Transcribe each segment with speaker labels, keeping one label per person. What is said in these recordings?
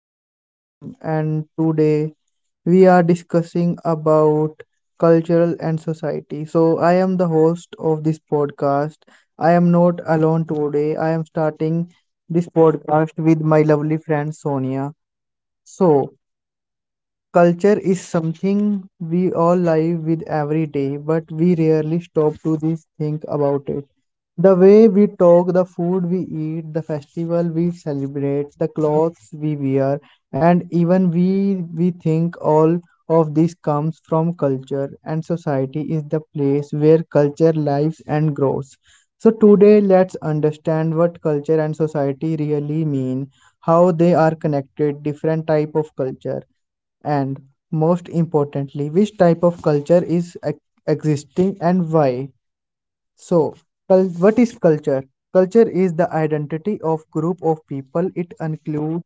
Speaker 1: is Satyam and today we are discussing about cultural and society. So I am the host of this podcast. I am not alone today. I am starting this podcast with my lovely friend Sonia. So culture is something we all live with every day, but we rarely stop to this think about it. The way we talk, the food we eat, the festival we celebrate, the clothes we wear, and even we think all of this comes from culture and society is the place where culture lives and grows. So today let's understand what culture and society really mean, how they are connected, different type of culture and most importantly, which type of culture is existing and why? So, what is culture? Culture is the identity of group of people. It includes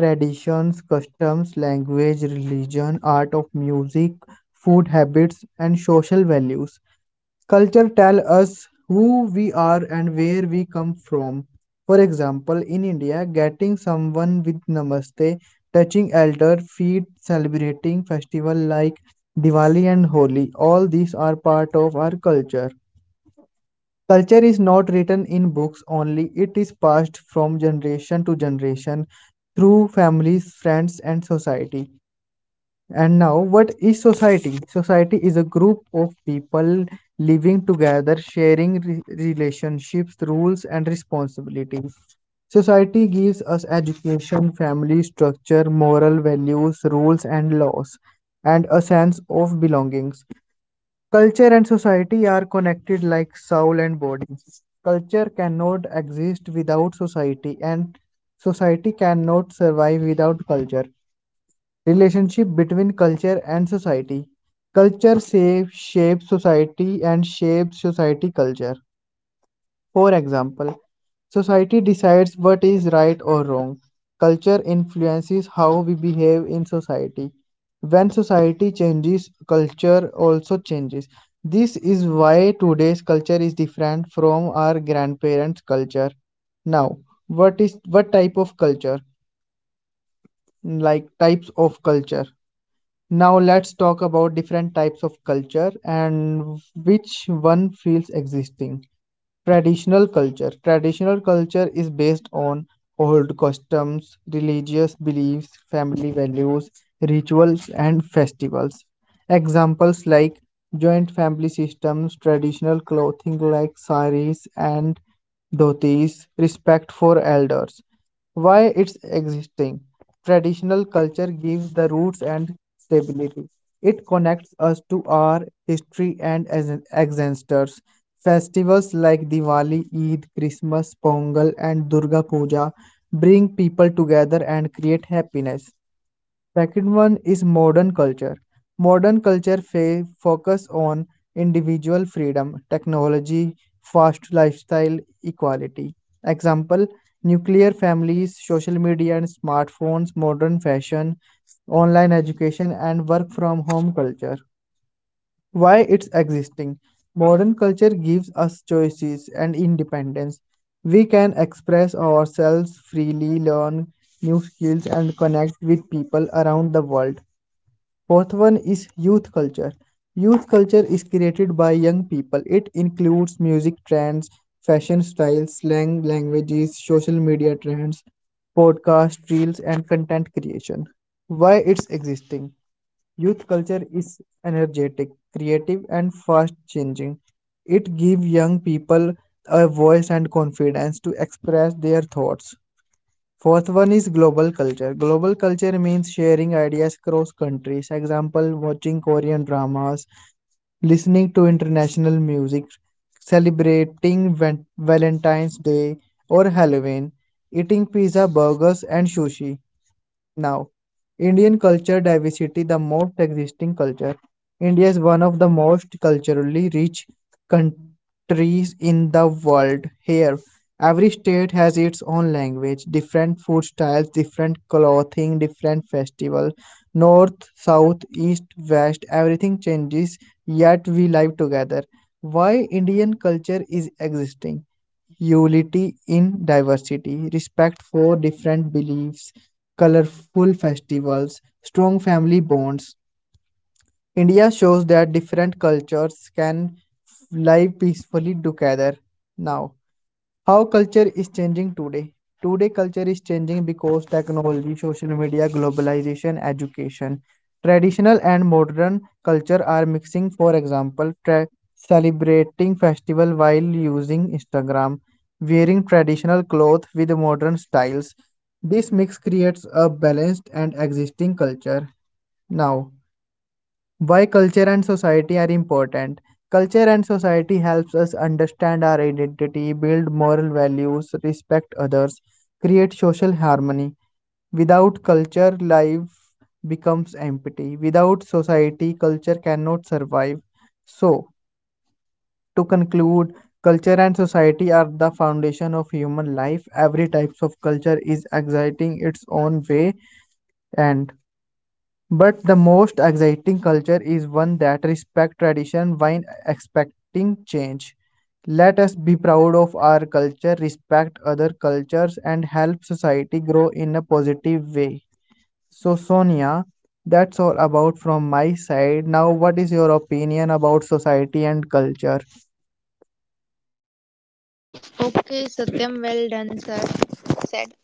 Speaker 1: traditions, customs, language, religion, art of music, food habits, and social values. Culture tell us who we are and where we come from. For example, in India, getting someone with namaste, touching elder feet, celebrating festival like Diwali and Holi, all these are part of our culture. Culture is not written in books only, it is passed from generation to generation through families, friends and society. And now, what is society? Society is a group of people living together, sharing relationships, rules, and responsibilities. Society gives us education, family structure, moral values, rules, and laws, and a sense of belongings. Culture and society are connected like soul and body. Culture cannot exist without society, and society cannot survive without culture. Relationship between culture and society. Culture shapes society and shapes society culture. For example, society decides what is right or wrong. Culture influences how we behave in society. When society changes, culture also changes. This is why today's culture is different from our grandparents' culture. Now, what is what type of culture? Like types of culture. Now let's talk about different types of culture and which one feels existing. Traditional culture. Traditional culture is based on old customs, religious beliefs, family values, rituals, and festivals. Examples like joint family systems, traditional clothing like saris and dhotis, respect for elders. Why it's existing. Traditional culture gives the roots and stability. It connects us to our history and ancestors. Festivals like Diwali, Eid, Christmas, Pongal, and Durga Puja bring people together and create happiness. Second one is modern culture. Modern culture focus on individual freedom, technology, fast lifestyle, equality. Example, nuclear families, social media and smartphones, modern fashion, online education and work from home culture why it's existing. Modern culture gives us choices and independence. We can express ourselves freely, learn new skills, and connect with people around the world. Fourth one is youth culture. Youth culture is created by young people. It includes music trends, fashion styles, slang, languages, social media trends, podcast reels, and content creation. Why it's existing? Youth culture is energetic, creative, and fast changing. It gives young people a voice and confidence to express their thoughts. Fourth one is global culture. Global culture means sharing ideas across countries. Example, watching Korean dramas, listening to international music, celebrating Valentine's Day or Halloween, eating pizza, burgers, and sushi. Now, Indian culture diversity, the most existing culture. India is one of the most culturally rich countries in the world. Here, every state has its own language, different food styles, different clothing, different festival. North, south, east, west, everything changes, yet we live together. Why Indian culture is existing. Unity in diversity, respect for different beliefs, colorful festivals, strong family bonds. India shows that different cultures can live peacefully together now. How culture is changing today. Today, culture is changing because technology, social media, globalization, education, traditional and modern culture are mixing. For example, celebrating festival while using Instagram, wearing traditional clothes with modern styles. This mix creates a balanced and existing culture. Now, why culture and society are important culture and society helps us understand our identity build moral values respect others create social harmony without culture life becomes empty without society culture cannot survive so to conclude culture and society are the foundation of human life every types of culture is exciting its own way and but the most exciting culture is one that respects tradition while expecting change. Let us be proud of our culture, respect other cultures, and help society grow in a positive way. So, Sonia, that's all about from my side. Now, what is your opinion about society and culture?
Speaker 2: Okay, Satyam, well done, sir. Said.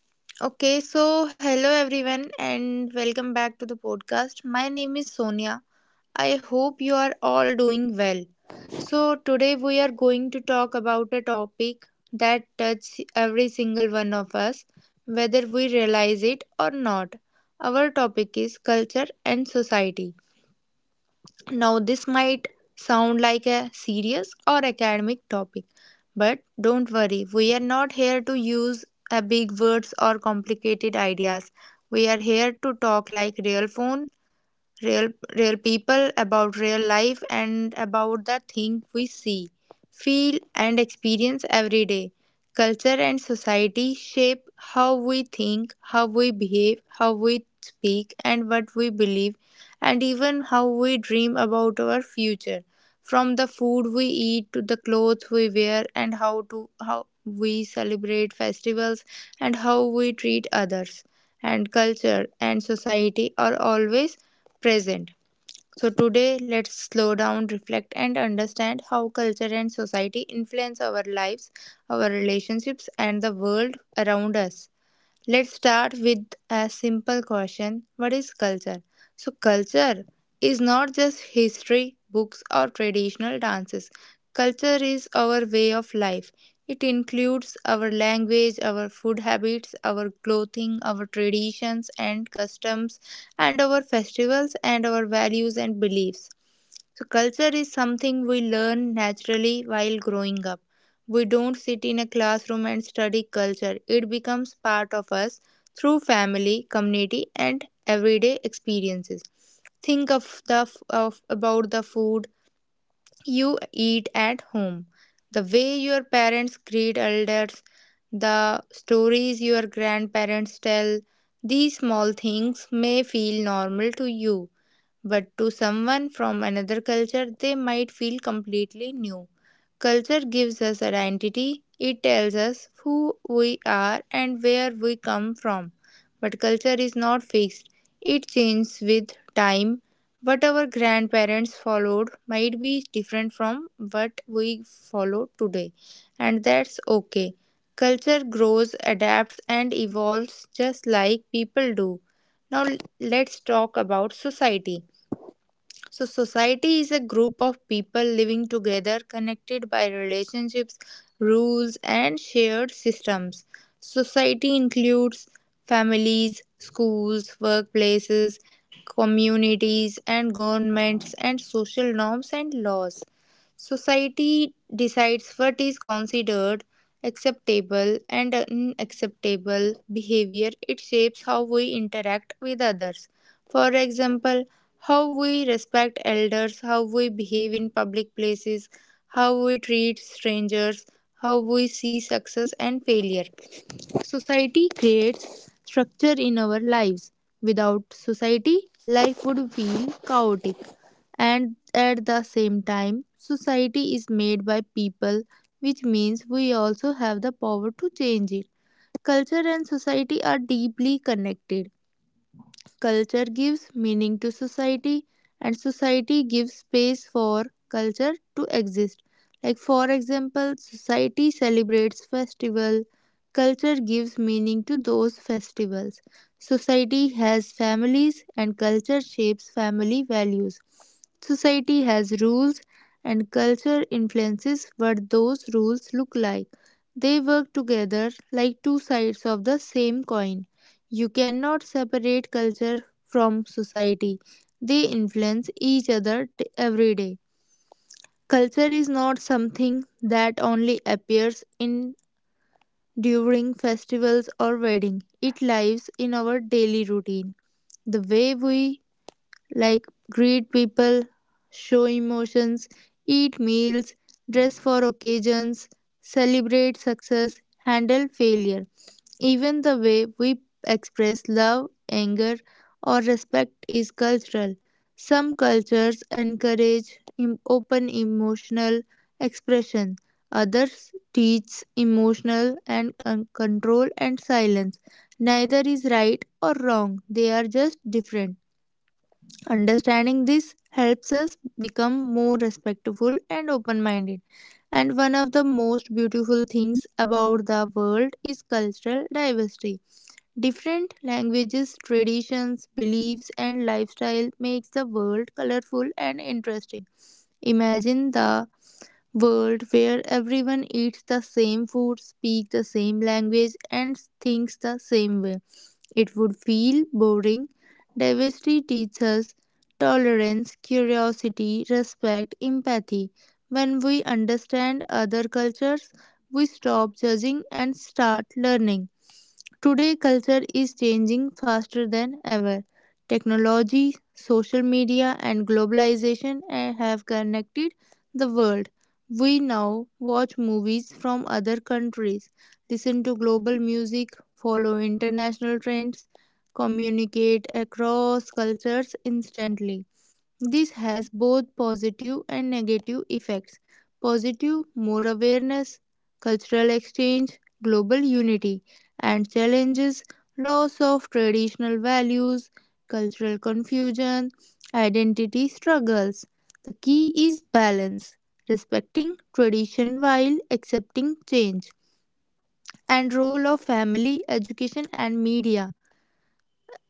Speaker 2: Okay, so hello everyone and welcome back to the podcast. My name is Sonia. I hope you are all doing well. So, today we are going to talk about a topic that touches every single one of us, whether we realize it or not. Our topic is culture and society. Now, this might sound like a serious or academic topic, but don't worry, we are not here to use a big words or complicated ideas. We are here to talk like real real people about real life and about the thing we see, feel, and experience every day. Culture and society shape how we think, how we behave, how we speak, and what we believe, and even how we dream about our future. From the food we eat to the clothes we wear and how we celebrate festivals and how we treat others, and culture and society are always present. So, today, let's slow down, reflect, and understand how culture and society influence our lives, our relationships, and the world around us. Let's start with a simple question. What is culture? So, culture is not just history, books, or traditional dances. Culture is our way of life. It includes our language, our food habits, our clothing, our traditions and customs, and our festivals and our values and beliefs. So, culture is something we learn naturally while growing up. We don't sit in a classroom and study culture, it becomes part of us through family, community, and everyday experiences. Think of the f- of about the food you eat at home, the way your parents greet elders, the stories your grandparents tell. These small things may feel normal to you, but to someone from another culture, they might feel completely new. Culture gives us identity, it tells us who we are and where we come from. But culture is not fixed, it changes with time. What our grandparents followed might be different from what we follow today, and that's okay. Culture grows, adapts, and evolves just like people do. Now, let's talk about society. So, society is a group of people living together, connected by relationships, rules, and shared systems. Society includes families, schools, workplaces, communities, and governments, and social norms and laws. Society decides what is considered acceptable and unacceptable behavior. It shapes how we interact with others. For example, how we respect elders, how we behave in public places, how we treat strangers, how we see success and failure. Society creates structure in our lives. Without society, life would feel chaotic. And at the same time, society is made by people, which means we also have the power to change it. Culture and society are deeply connected. Culture gives meaning to society, and society gives space for culture to exist. Like, for example, society celebrates festival, culture gives meaning to those festivals, society has families and culture shapes family values, society has rules and culture influences what those rules look like. They work together like two sides of the same coin. You cannot separate culture from society. They influence each other every day. Culture is not something that only appears in during festivals or wedding. It lives in our daily routine. The way we like greet people, show emotions, eat meals, dress for occasions, celebrate success, handle failure. Even the way we express love, anger, or respect is cultural. Some cultures encourage open emotional expression, others teach emotional and control and silence. Neither is right or wrong, they are just different. Understanding this helps us become more respectful and open minded. And one of the most beautiful things about the world is cultural diversity. Different languages, traditions, beliefs and lifestyle makes the world colorful and interesting. Imagine the world where everyone eats the same food, speaks the same language and thinks the same way. It would feel boring. Diversity teaches tolerance, curiosity, respect, empathy. When we understand other cultures, we stop judging and start learning. Today, culture is changing faster than ever. Technology, social media, and globalization have connected the world. We now watch movies from other countries, listen to global music, follow international trends, communicate across cultures instantly. This has both positive and negative effects. Positive, more awareness, cultural exchange, global unity, and challenges, loss of traditional values, cultural confusion, identity struggles. The key is balance, respecting tradition while accepting change, and role of family, education, and media.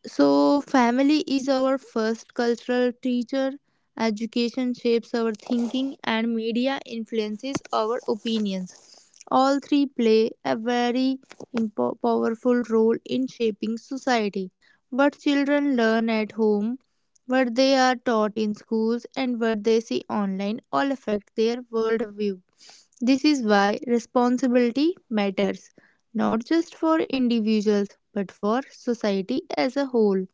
Speaker 2: So, family is our first cultural teacher, education shapes our thinking, and media influences our opinions. All three play a very powerful role in shaping society. What children learn at home, what they are taught in schools, and what they see online all affect their worldview. This is why responsibility matters, not just for individuals, but for society as a whole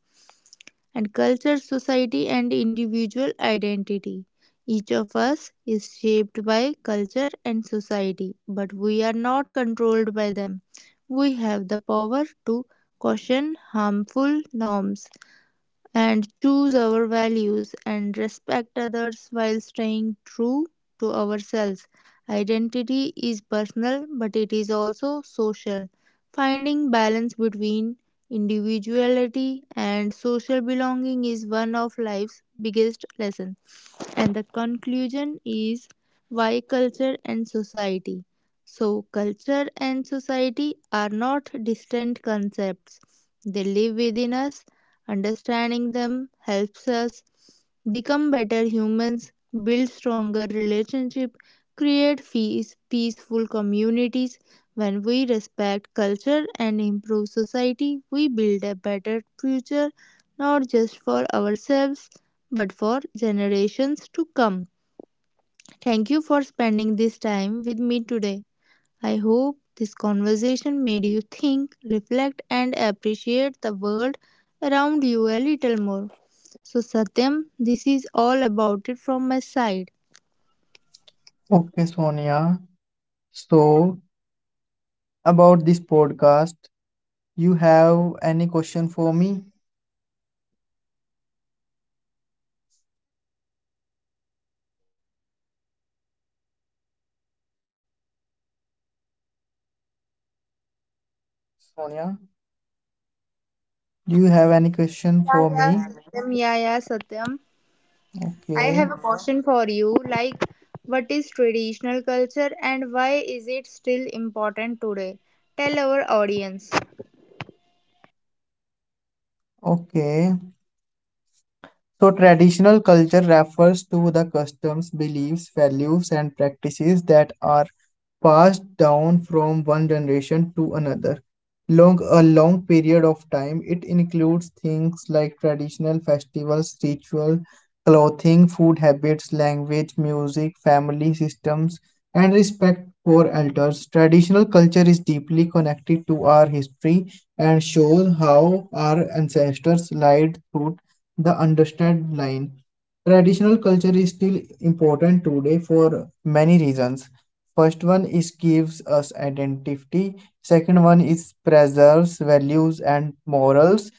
Speaker 2: and culture, society, and individual identity. Each of us is shaped by culture and society, but we are not controlled by them. We have the power to caution harmful norms and choose our values and respect others while staying true to ourselves. Identity is personal, but it is also social. Finding balance between individuality and social belonging is one of life's biggest lessons. And the conclusion is why culture and society. So, culture and society are not distant concepts, they live within us. Understanding them helps us become better humans, build stronger relationships, create peace, peaceful communities. When we respect culture and improve society, we build a better future not just for ourselves but for generations to come. Thank you for spending this time with me today. I hope this conversation made you think, reflect, and appreciate the world around you a little more. So, Satyam, this is all about it from my side.
Speaker 1: Okay, Sonia. So, about this podcast, you have any question for me? Sonia, do you have any question for
Speaker 2: Yeah, yeah,
Speaker 1: me?
Speaker 2: Satyam. Yeah, yeah, Satyam. I
Speaker 1: Okay,
Speaker 2: have a question for you. Like, what is traditional culture and why is it still important today? Tell our audience.
Speaker 1: okay. So traditional culture refers to the customs, beliefs, values and practices that are passed down from one generation to another. Long a long period of time, it includes things like traditional festivals, ritual, clothing, food habits, language, music, family systems, and respect for elders. Traditional culture is deeply connected to our history and shows how our ancestors lived through the understand line. Traditional culture is still important today for many reasons. First one is gives us identity. Second one is preserves values and morals.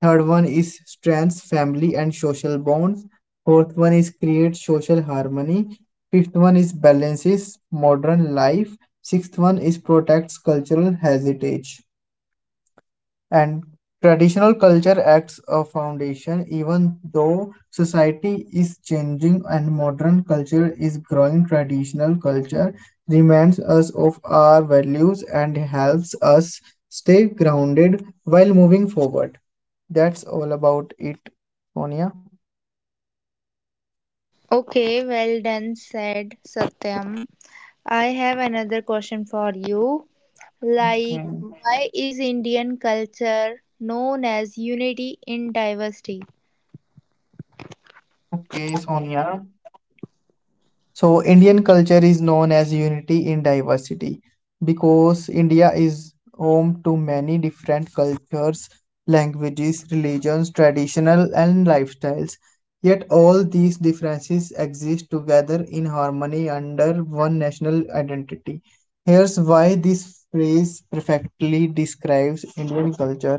Speaker 1: Third one is strengths family and social bonds. Fourth one is create social harmony. Fifth one is balances modern life. Sixth one is protects cultural heritage. And traditional culture acts a foundation, even though society is changing and modern culture is growing. Traditional culture reminds us of our values and helps us stay grounded while moving forward. That's all about it, Sonia.
Speaker 2: Okay, well done, said Satyam. I have another question for you. Like,
Speaker 1: Okay,
Speaker 2: why is Indian culture known as unity in diversity?
Speaker 1: okay, Sonia. So, Indian culture is known as unity in diversity because India is home to many different cultures, languages, religions, traditional, and lifestyles. Yet, all these differences exist together in harmony under one national identity. Here's why this phrase perfectly describes Indian culture.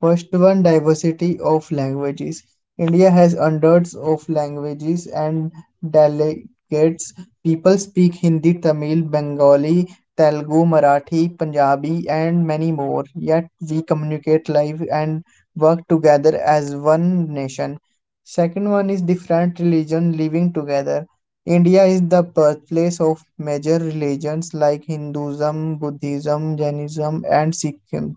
Speaker 1: First one, diversity of languages. India has hundreds of languages and dialects. People speak Hindi, Tamil, Bengali, Telugu, Marathi, Punjabi, and many more. Yet we communicate live and work together as one nation. Second one is different religion living together. India is the birthplace of major religions like Hinduism, Buddhism, Jainism, and Sikhism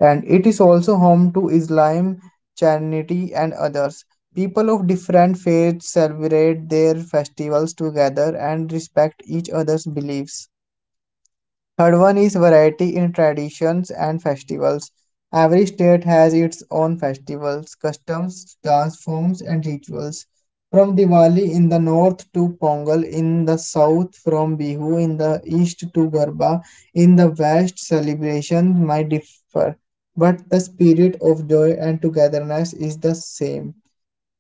Speaker 1: and it is also home to Islam, Christianity, and others. People of different faiths celebrate their festivals together and respect each other's beliefs. Third one is variety in traditions and festivals. Every state has its own festivals, customs, dance forms, and rituals. From Diwali in the north to Pongal in the south, from Bihu in the east to Garba in the west, celebrations might differ, but the spirit of joy and togetherness is the same.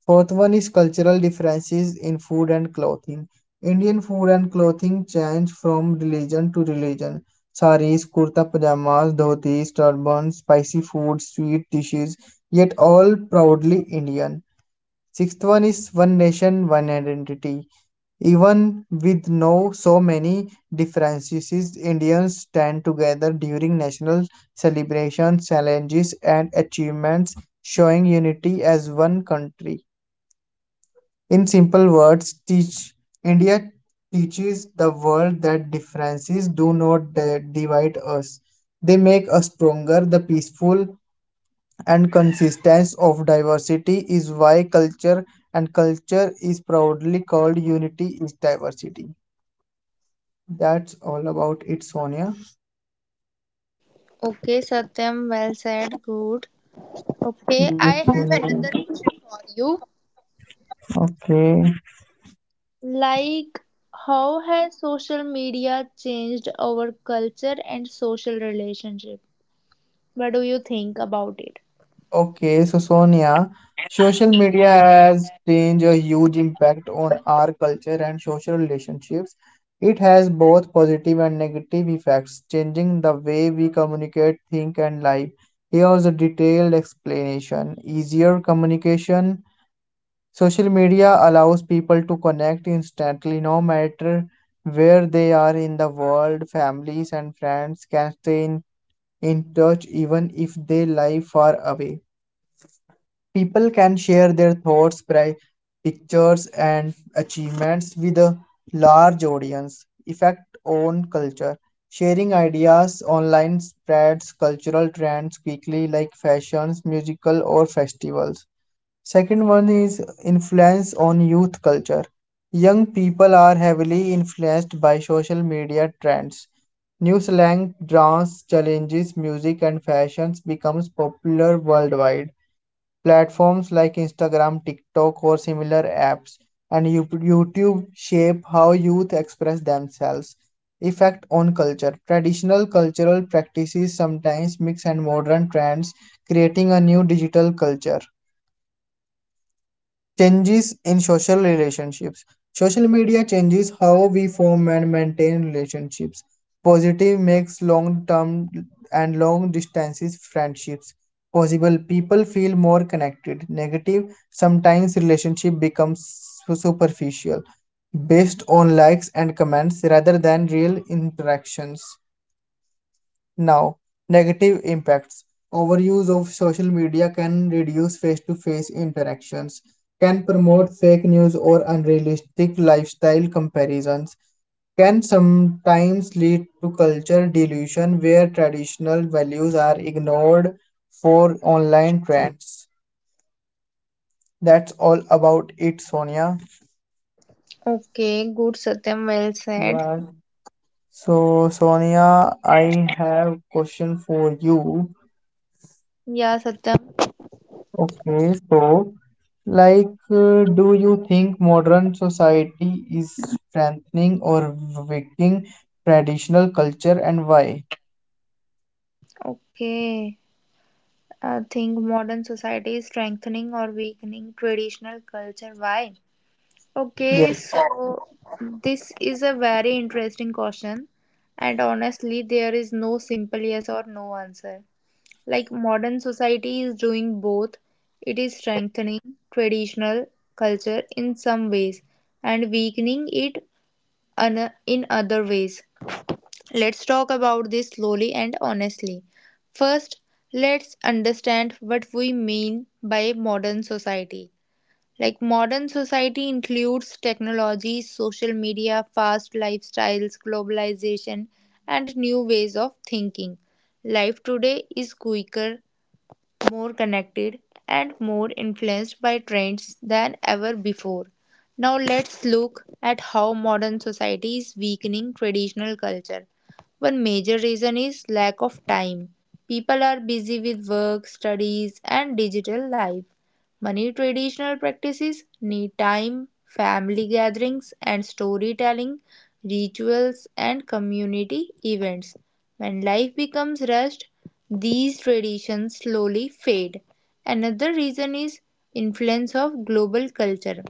Speaker 1: Fourth one is cultural differences in food and clothing. Indian food and clothing change from religion to religion. Saris, kurta pajamas, dhotis, turbans, spicy food, sweet dishes, yet all proudly Indian. Sixth one is one nation, one identity. Even with no so many differences, Indians stand together during national celebrations, challenges, and achievements, showing unity as one country. In simple words, teach India teaches the world that differences do not divide us. They make us stronger. The peaceful and consistence of diversity is why culture and culture is proudly called unity is diversity. That's all about it, Sonia.
Speaker 2: Okay, Satyam, well said, good. Okay,
Speaker 1: Yes.
Speaker 2: I have another
Speaker 1: Sonia.
Speaker 2: question for you.
Speaker 1: Okay.
Speaker 2: Like, how has social media changed our culture and social relationship? What do you think about it?
Speaker 1: Okay, so Sonia, social media has changed a huge impact on our culture and social relationships. It has both positive and negative effects, changing the way we communicate, think, and live. Here's a detailed explanation. Easier communication. Social media allows people to connect instantly, no matter where they are in the world. Families and friends can stay in touch even if they live far away. People can share their thoughts, pictures, and achievements with a large audience. Effect on culture. Sharing ideas online spreads cultural trends quickly, like fashions, musical, or festivals. Second one is influence on youth culture. Young people are heavily influenced by social media trends. New slang, dance, challenges, music, and fashions becomes popular worldwide. Platforms like Instagram, TikTok, or similar apps, and YouTube shape how youth express themselves. Effect on culture. Traditional cultural practices sometimes mix and modern trends, creating a new digital culture. Changes in social relationships. Social media changes how we form and maintain relationships. Positive makes long term and long distances friendships possible. People feel more connected. Negative, sometimes relationship becomes superficial based on likes and comments rather than real interactions. Now, negative impacts. Overuse of social media can reduce face to face interactions, can promote fake news or unrealistic lifestyle comparisons, can sometimes lead to culture delusion where traditional values are ignored for online trends. That's all about it, Sonia.
Speaker 2: Okay, good, Satyam, well said.
Speaker 1: Yeah. So, Sonia, I have question for you.
Speaker 2: Yeah, Satyam.
Speaker 1: Okay, so like, do you think modern society is strengthening or weakening traditional culture and why?
Speaker 2: Okay. I think modern society is strengthening or weakening traditional culture. Why?
Speaker 1: Yeah.
Speaker 2: Okay, so this is a very interesting question, and honestly, there is no simple yes or no answer. Like, modern society is doing both, it is strengthening traditional culture in some ways and weakening it in other ways. Let's talk about this slowly and honestly. First, let's understand what we mean by modern society. Like, modern society includes technology, social media, fast lifestyles, globalization, and new ways of thinking. Life today is quicker, more connected, and more influenced by trends than ever before. Now, let's look at how modern society is weakening traditional culture. One major reason is lack of time. People are busy with work, studies, and digital life. Many traditional practices need time, family gatherings and storytelling, rituals and community events. When life becomes rushed, these traditions slowly fade. Another reason is influence of global culture.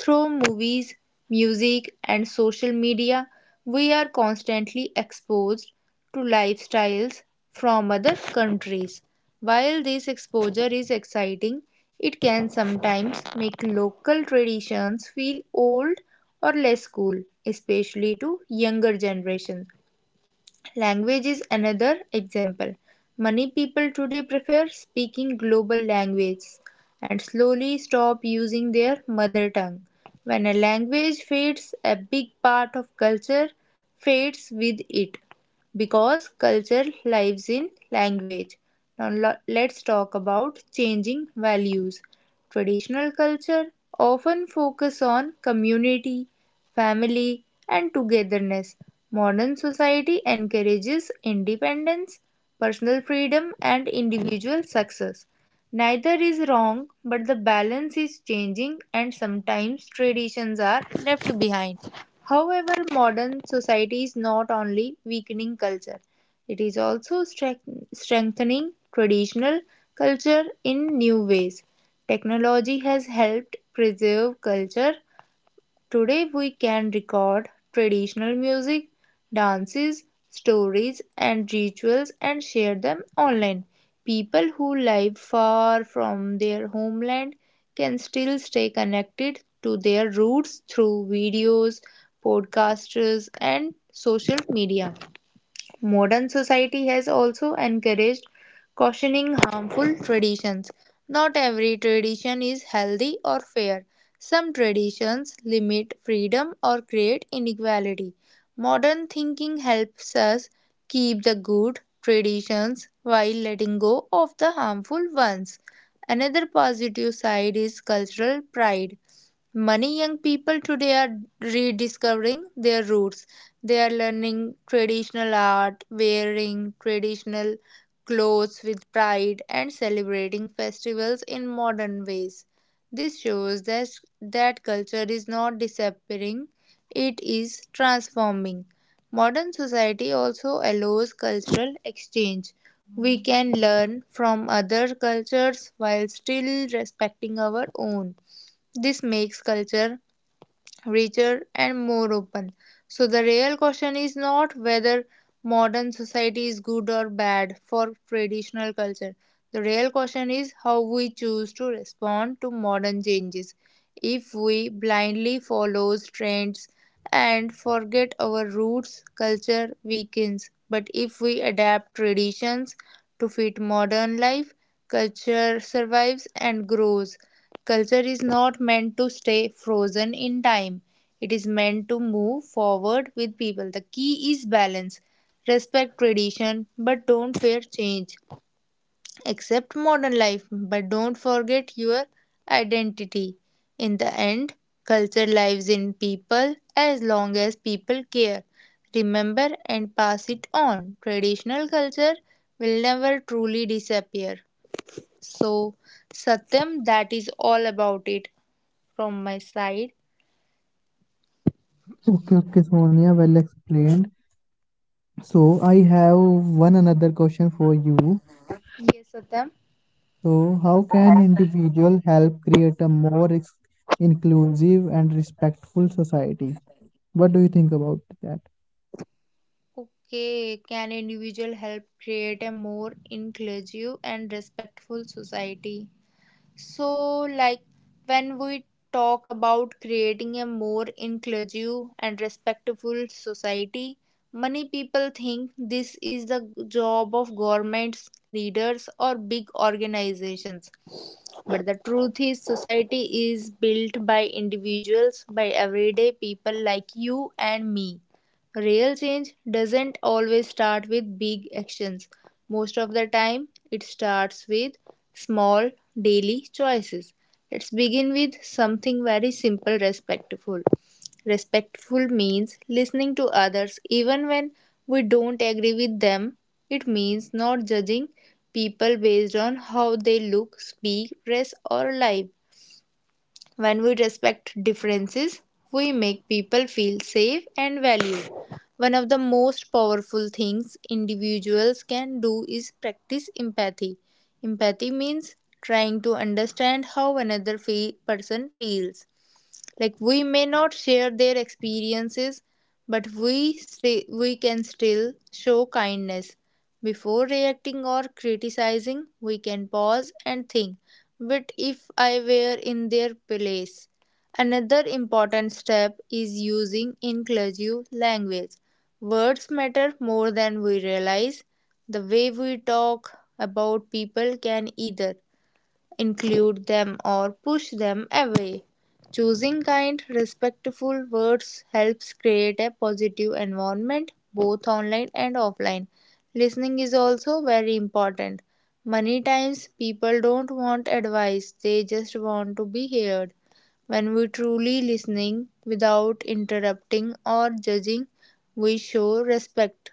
Speaker 2: Through movies, music, and social media, we are constantly exposed to lifestyles from other countries. While this exposure is exciting, it can sometimes make local traditions feel old or less cool, especially to younger generations. Language is another example. Many people today prefer speaking global languages and slowly stop using their mother tongue. When a language fades, a big part of culture fades with it because culture lives in language. Now, let's talk about changing values. Traditional culture often focus on community, family, and togetherness. Modern society encourages independence, personal freedom, and individual success. Neither is wrong, but the balance is changing, and sometimes traditions are left behind. However, modern society is not only weakening culture, it is also strengthening traditional culture in new ways. Technology has helped preserve culture. Today we can record traditional music, dances, stories, and rituals and share them online. People who live far from their homeland can still stay connected to their roots through videos, podcasts, and social media. Modern society has also encouraged cautioning harmful traditions. Not every tradition is healthy or fair. Some traditions limit freedom or create inequality. Modern thinking helps us keep the good traditions while letting go of the harmful ones. Another positive side is cultural pride. Many young people today are rediscovering their roots. They are learning traditional art, wearing traditional clothes with pride, and celebrating festivals in modern ways. This shows that culture is not disappearing, it is transforming. Modern society also allows cultural exchange. We can learn from other cultures while still respecting our own. This makes culture richer and more open. So, the real question is not whether modern society is good or bad for traditional culture. The real question is how we choose to respond to modern changes. If we blindly follow trends and forget our roots, culture weakens. But if we adapt traditions to fit modern life, culture survives and grows. Culture is not meant to stay frozen in time, it is meant to move forward with people. The key is balance. Respect tradition, but don't fear change. Accept modern life, but don't forget your identity. In the end, culture lives in people as long as people care. Remember and pass it on. Traditional culture will never truly disappear. So, Satyam, that is all about it from my side.
Speaker 1: Okay, okay, Sonia, well explained. So I have one another question for you.
Speaker 2: Yes, Satyam.
Speaker 1: So how can individual help create a more inclusive and respectful society? What do you think about that?
Speaker 2: Okay, can individual help create a more inclusive and respectful society? So, like when we talk about creating a more inclusive and respectful society, many people think this is the job of governments, leaders, or big organizations. But the truth is, society is built by individuals, by everyday people like you and me. Real change doesn't always start with big actions. Most of the time, it starts with small daily choices. Let's begin with something very simple, respectful. Respectful means listening to others even when we don't agree with them. It means not judging people based on how they look, speak, dress, or live. When we respect differences, we make people feel safe and valued. One of the most powerful things individuals can do is practice empathy. Empathy means trying to understand how person feels, like we may not share their experiences, but we can still show kindness. Before reacting or criticizing, we can pause and think, what if I were in their place? Another important step is using inclusive language. Words matter more than we realize. The way we talk about people can either include them or push them away. Choosing kind, respectful words helps create a positive environment both online and offline. Listening is also very important. Many times people don't want advice, they just want to be heard. When we truly listening without interrupting or judging, we show respect.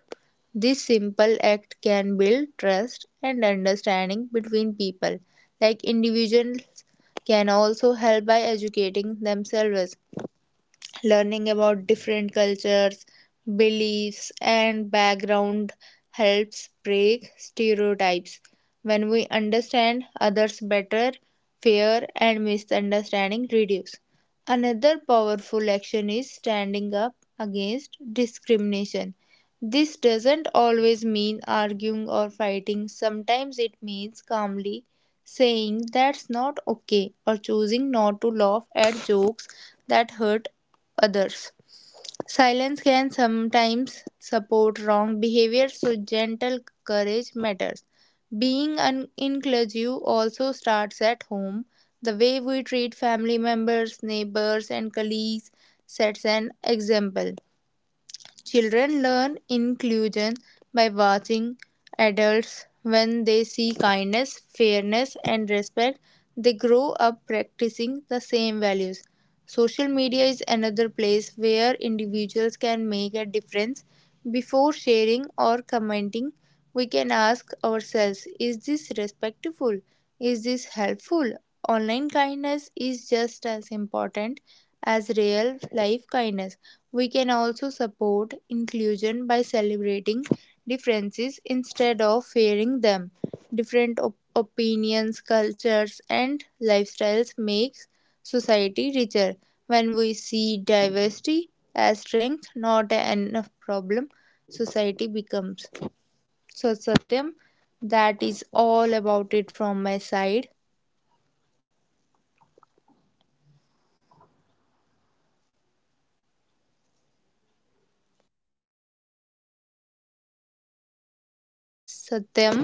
Speaker 2: This simple act can build trust and understanding between people. Like, individuals can also help by educating themselves. Learning about different cultures, beliefs, and background helps break stereotypes. When we understand others better, fear and misunderstanding reduce. Another powerful action is standing up against discrimination. This doesn't always mean arguing or fighting. Sometimes it means calmly saying that's not okay, or choosing not to laugh at jokes that hurt others. Silence can sometimes support wrong behavior, so gentle courage matters. Inclusive also starts at home. The way we treat family members, neighbors, and colleagues sets an example. Children learn inclusion by watching adults. When they see kindness, fairness, and respect, they grow up practicing the same values. Social media is another place where individuals can make a difference. Before sharing or commenting, we can ask ourselves, is this respectful? Is this helpful? Online kindness is just as important as real life kindness. We can also support inclusion by celebrating differences instead of fearing them. Opinions, cultures, and lifestyles make society richer. When we see diversity as strength, not an problem, society becomes. So, Satyam, that is all about it from my side. Satyam.